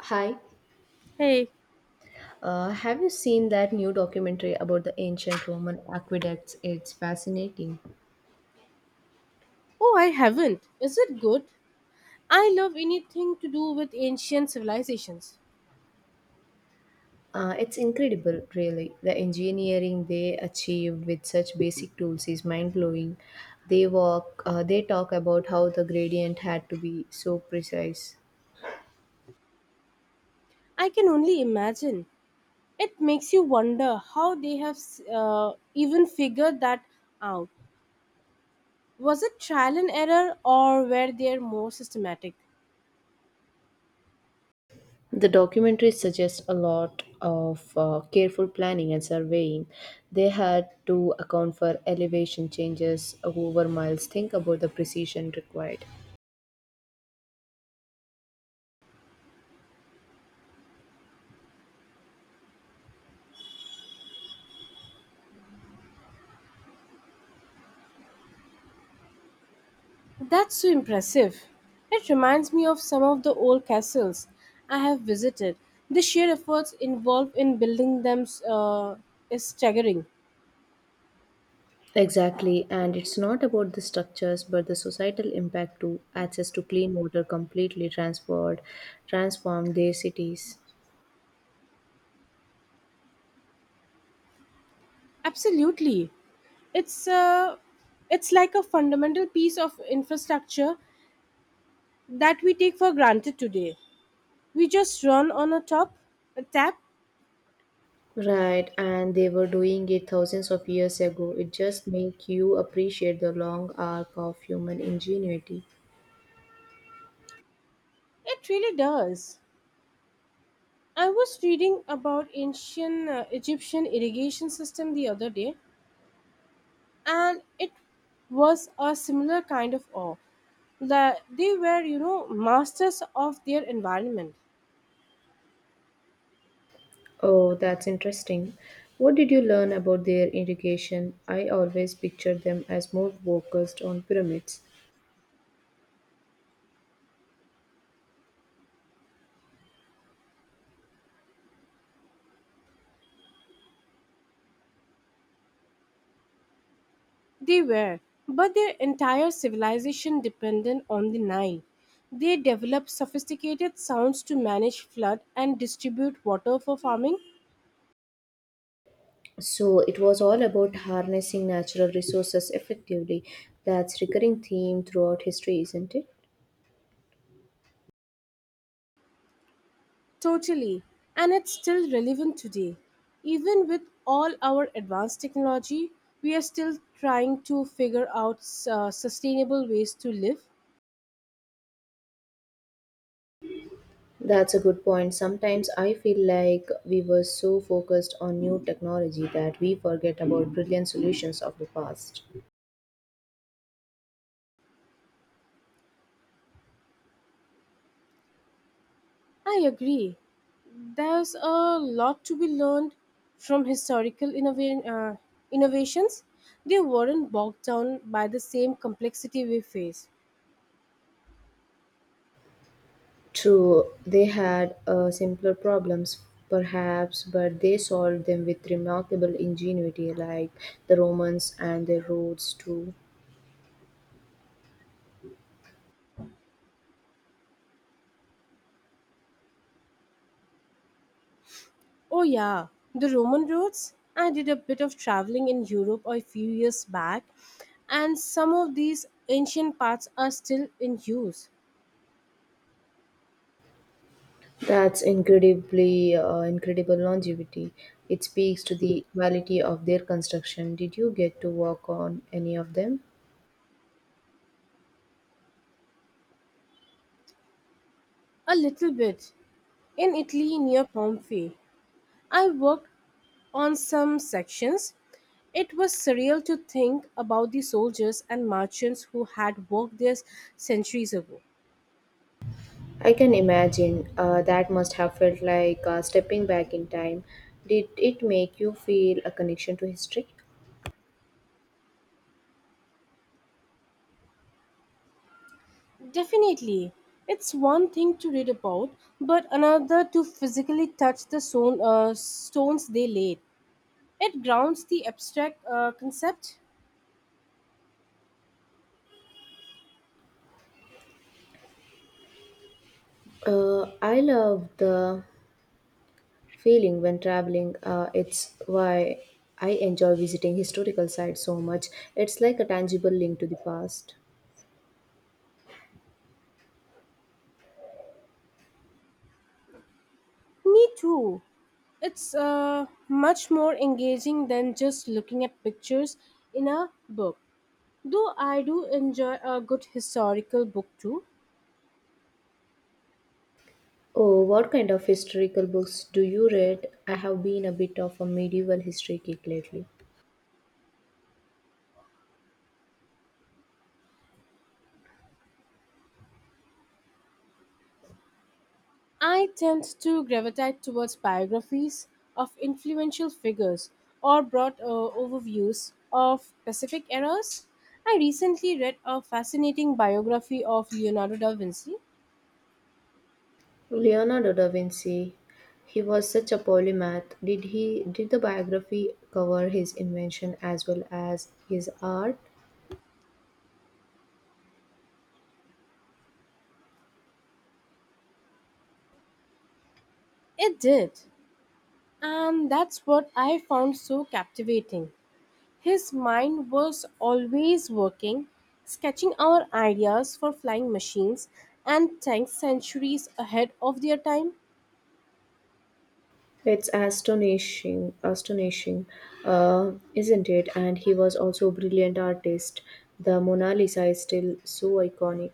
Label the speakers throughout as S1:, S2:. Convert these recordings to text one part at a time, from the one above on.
S1: Hi,
S2: Hey,
S1: have you seen that new documentary about the ancient Roman aqueducts? It's fascinating.
S2: oh, I haven't. Is it good? I love anything to do with ancient civilizations.
S1: It's incredible, really. The engineering they achieved with such basic tools is mind blowing. They talk about how the gradient had to be so precise.
S2: I can only imagine. It makes you wonder how they have even figured that out. Was it trial and error or were they more systematic?
S1: The documentary suggests a lot of careful planning and surveying. They had to account for elevation changes over miles. Think about the precision required.
S2: That's so impressive. It reminds me of some of the old castles I have visited. The sheer efforts involved in building them is staggering.
S1: Exactly, and it's not about the structures but the societal impact to access to clean water completely transformed their cities.
S2: Absolutely. It's uh, it's like a fundamental piece of infrastructure that we take for granted today. We just run on a top a tap.
S1: Right, and they were doing it thousands of years ago. It just make you appreciate the long arc of human ingenuity.
S2: It really does. I was reading about ancient Egyptian irrigation system the other day, and it was a similar kind of awe. That they were, you know, masters of their environment.
S1: Oh, that's interesting. What did you learn about their irrigation? I always pictured them as more focused on pyramids.
S2: They were, but their entire civilization depended on the Nile. They developed sophisticated sounds to manage flood and distribute water for farming.
S1: So it was all about harnessing natural resources effectively. That's recurring theme throughout history, isn't it?
S2: Totally, and it's still relevant today. Even with all our advanced technology, we are still trying to figure out sustainable ways to live.
S1: That's a good point. Sometimes I feel like we were so focused on new technology that we forget about brilliant solutions of the past.
S2: I agree. There's a lot to be learned from historical innovations. They weren't bogged down by the same complexity we face.
S1: True, they had simpler problems perhaps, but they solved them with remarkable ingenuity like the Romans and their roads too.
S2: Oh, yeah, the Roman roads. I did a bit of traveling in Europe a few years back, and some of these ancient paths are still in use.
S1: That's incredibly incredible longevity. It speaks to the quality of their construction. Did you get to work on any of them?
S2: A little bit. In Italy, near Pompeii, I worked on some sections. It was surreal to think about the soldiers and merchants who had worked there centuries ago.
S1: I can imagine that must have felt like stepping back in time. Did it make you feel a connection to history?
S2: Definitely, it's one thing to read about, but another to physically touch the stones they laid. It grounds the abstract concept.
S1: I love the feeling when traveling. It's why I enjoy visiting historical sites so much. It's like a tangible link to the past.
S2: Me too. It's much more engaging than just looking at pictures in a book. Though I do enjoy a good historical book too.
S1: Oh, what kind of historical books do you read? I have been a bit of a medieval history geek lately.
S2: I tend to gravitate towards biographies of influential figures or broad overviews of specific eras. I recently read a fascinating biography of Leonardo da Vinci.
S1: Leonardo da Vinci, he was such a polymath. Did the biography cover his invention as well as his art?
S2: It did, and that's what I found so captivating. His mind was always working, sketching out ideas for flying machines and tanks centuries ahead of their time.
S1: It's isn't it? And he was also a brilliant artist. The Mona Lisa is still so iconic.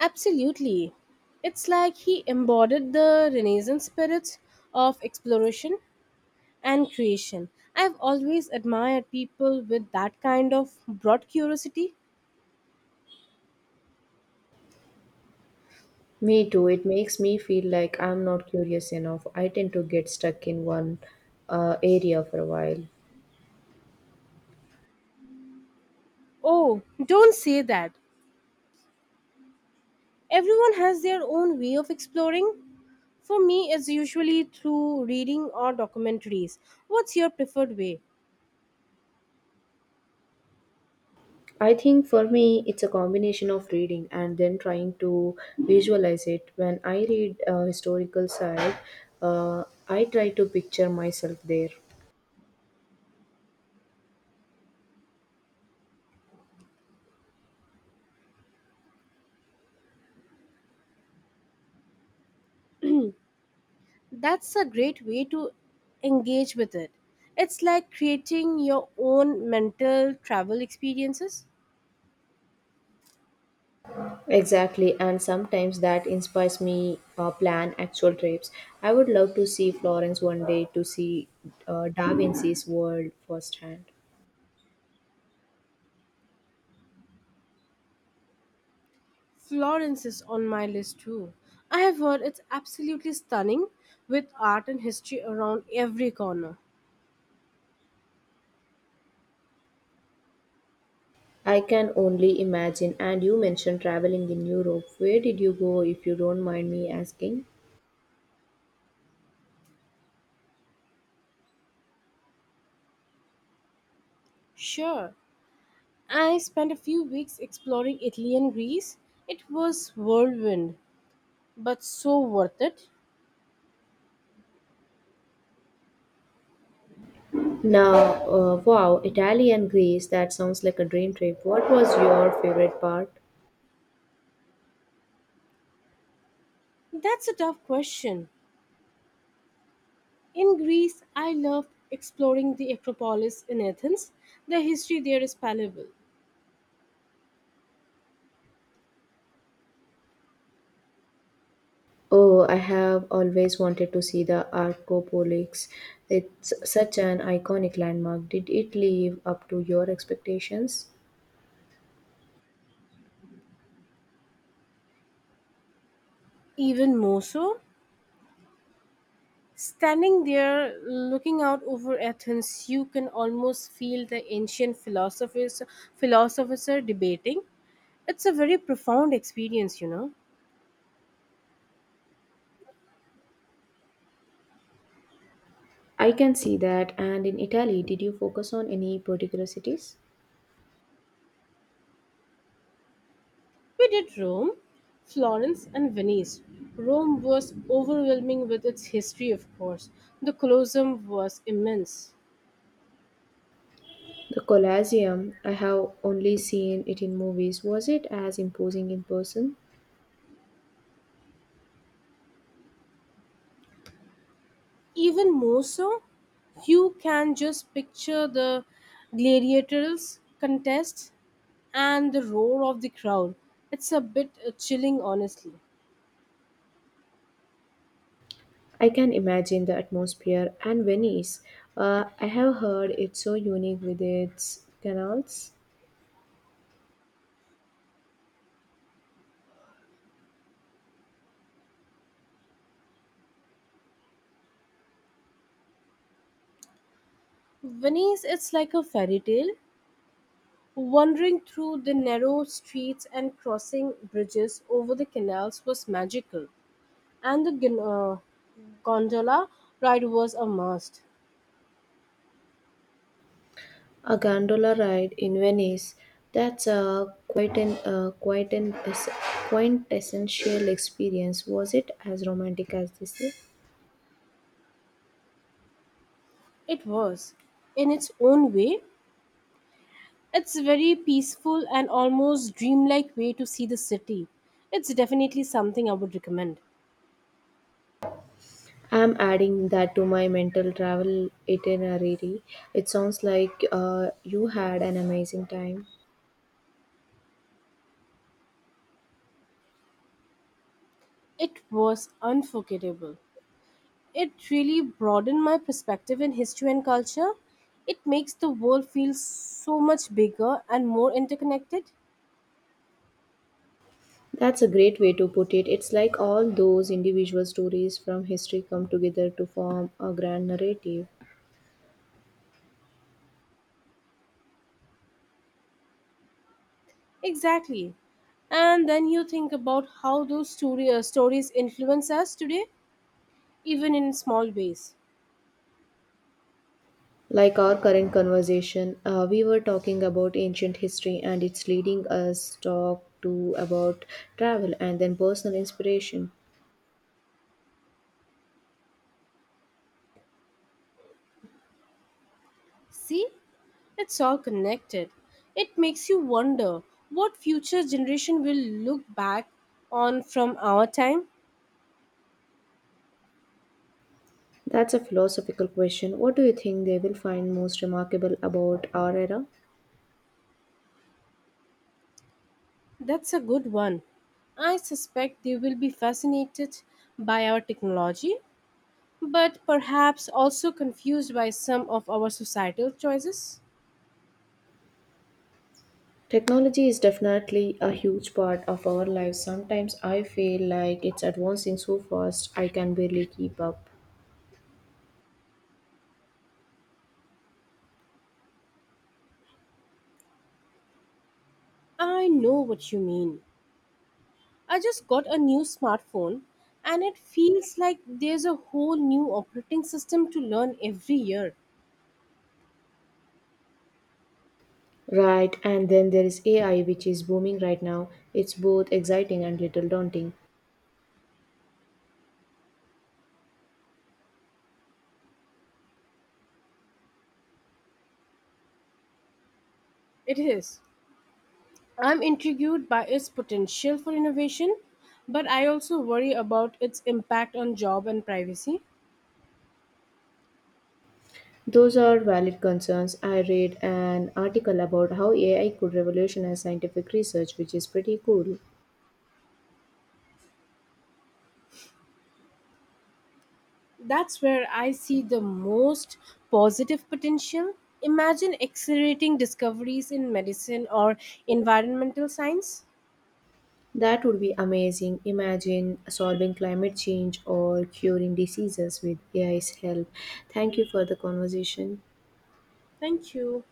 S2: Absolutely. It's like he embodied the Renaissance spirits of exploration and creation. I've always admired people with that kind of broad curiosity.
S1: Me too. It makes me feel like I'm not curious enough. I tend to get stuck in one area for a while.
S2: Oh, don't say that. Everyone has their own way of exploring. For me, it's usually through reading or documentaries. What's your preferred way?
S1: I think for me, it's a combination of reading and then trying to visualize it. When I read a historical side, I try to picture myself there.
S2: That's a great way to engage with it. It's like creating your own mental travel experiences.
S1: Exactly, and sometimes that inspires me plan actual trips. I would love to see Florence one day to see Da Vinci's world firsthand.
S2: Florence is on my list too. I have heard it's absolutely stunning with art and history around every corner.
S1: I can only imagine. And you mentioned traveling in Europe. Where did you go, if you don't mind me asking?
S2: Sure, I spent a few weeks exploring Italy and Greece. It was whirlwind, but so worth it.
S1: Now, wow, Italy and Greece, that sounds like a dream trip. What was your favorite part?
S2: That's a tough question. In Greece, I loved exploring the Acropolis in Athens. The history there is palpable.
S1: Oh, I have always wanted to see the Arcopolis. It's such an iconic landmark. Did it live up to your expectations?
S2: Even more so, standing there looking out over Athens, you can almost feel the ancient philosophers are debating. It's a very profound experience, you know.
S1: I can see that. And in Italy, did you focus on any particular cities?
S2: We did Rome, Florence, and Venice. Rome was overwhelming with its history, of course. The Colosseum was immense.
S1: The Colosseum, I have only seen it in movies. Was it as imposing in person?
S2: Even more so, you can just picture the gladiators' contest and the roar of the crowd. It's a bit chilling, honestly.
S1: I can imagine the atmosphere and Venice. I have heard it's so unique with its canals.
S2: Venice, it's like a fairy tale. Wandering through the narrow streets and crossing bridges over the canals was magical, and the gondola ride was a must.
S1: A gondola ride in Venice. That's a quite an es- quintessential experience. Was it as romantic as they say?
S2: It was, in its own way. It's a very peaceful and almost dreamlike way to see the city. It's definitely something I would recommend.
S1: I'm adding that to my mental travel itinerary. It sounds like you had an amazing time.
S2: It was unforgettable. It really broadened my perspective in history and culture. It makes the world feel so much bigger and more interconnected.
S1: That's a great way to put it. It's like all those individual stories from history come together to form a grand narrative.
S2: Exactly. And then you think about how those stories influence us today, even in small ways.
S1: Like our current conversation, we were talking about ancient history and it's leading us talk to about travel and then personal inspiration.
S2: See, it's all connected. It makes you wonder what future generation will look back on from our time.
S1: That's a philosophical question. What do you think they will find most remarkable about our era?
S2: That's a good one. I suspect they will be fascinated by our technology, but perhaps also confused by some of our societal choices.
S1: Technology is definitely a huge part of our lives. Sometimes I feel like it's advancing so fast I can barely keep up.
S2: I know what you mean. I just got a new smartphone and it feels like there's a whole new operating system to learn every year.
S1: Right, and then there is AI, which is booming right now. It's both exciting and little daunting.
S2: It is. I'm intrigued by its potential for innovation, but I also worry about its impact on job and privacy.
S1: Those are valid concerns. I read an article about how AI could revolutionize scientific research, which is pretty cool.
S2: That's where I see the most positive potential. Imagine accelerating discoveries in medicine or environmental science.
S1: That would be amazing. Imagine solving climate change or curing diseases with AI's help. Thank you for the conversation.
S2: Thank you.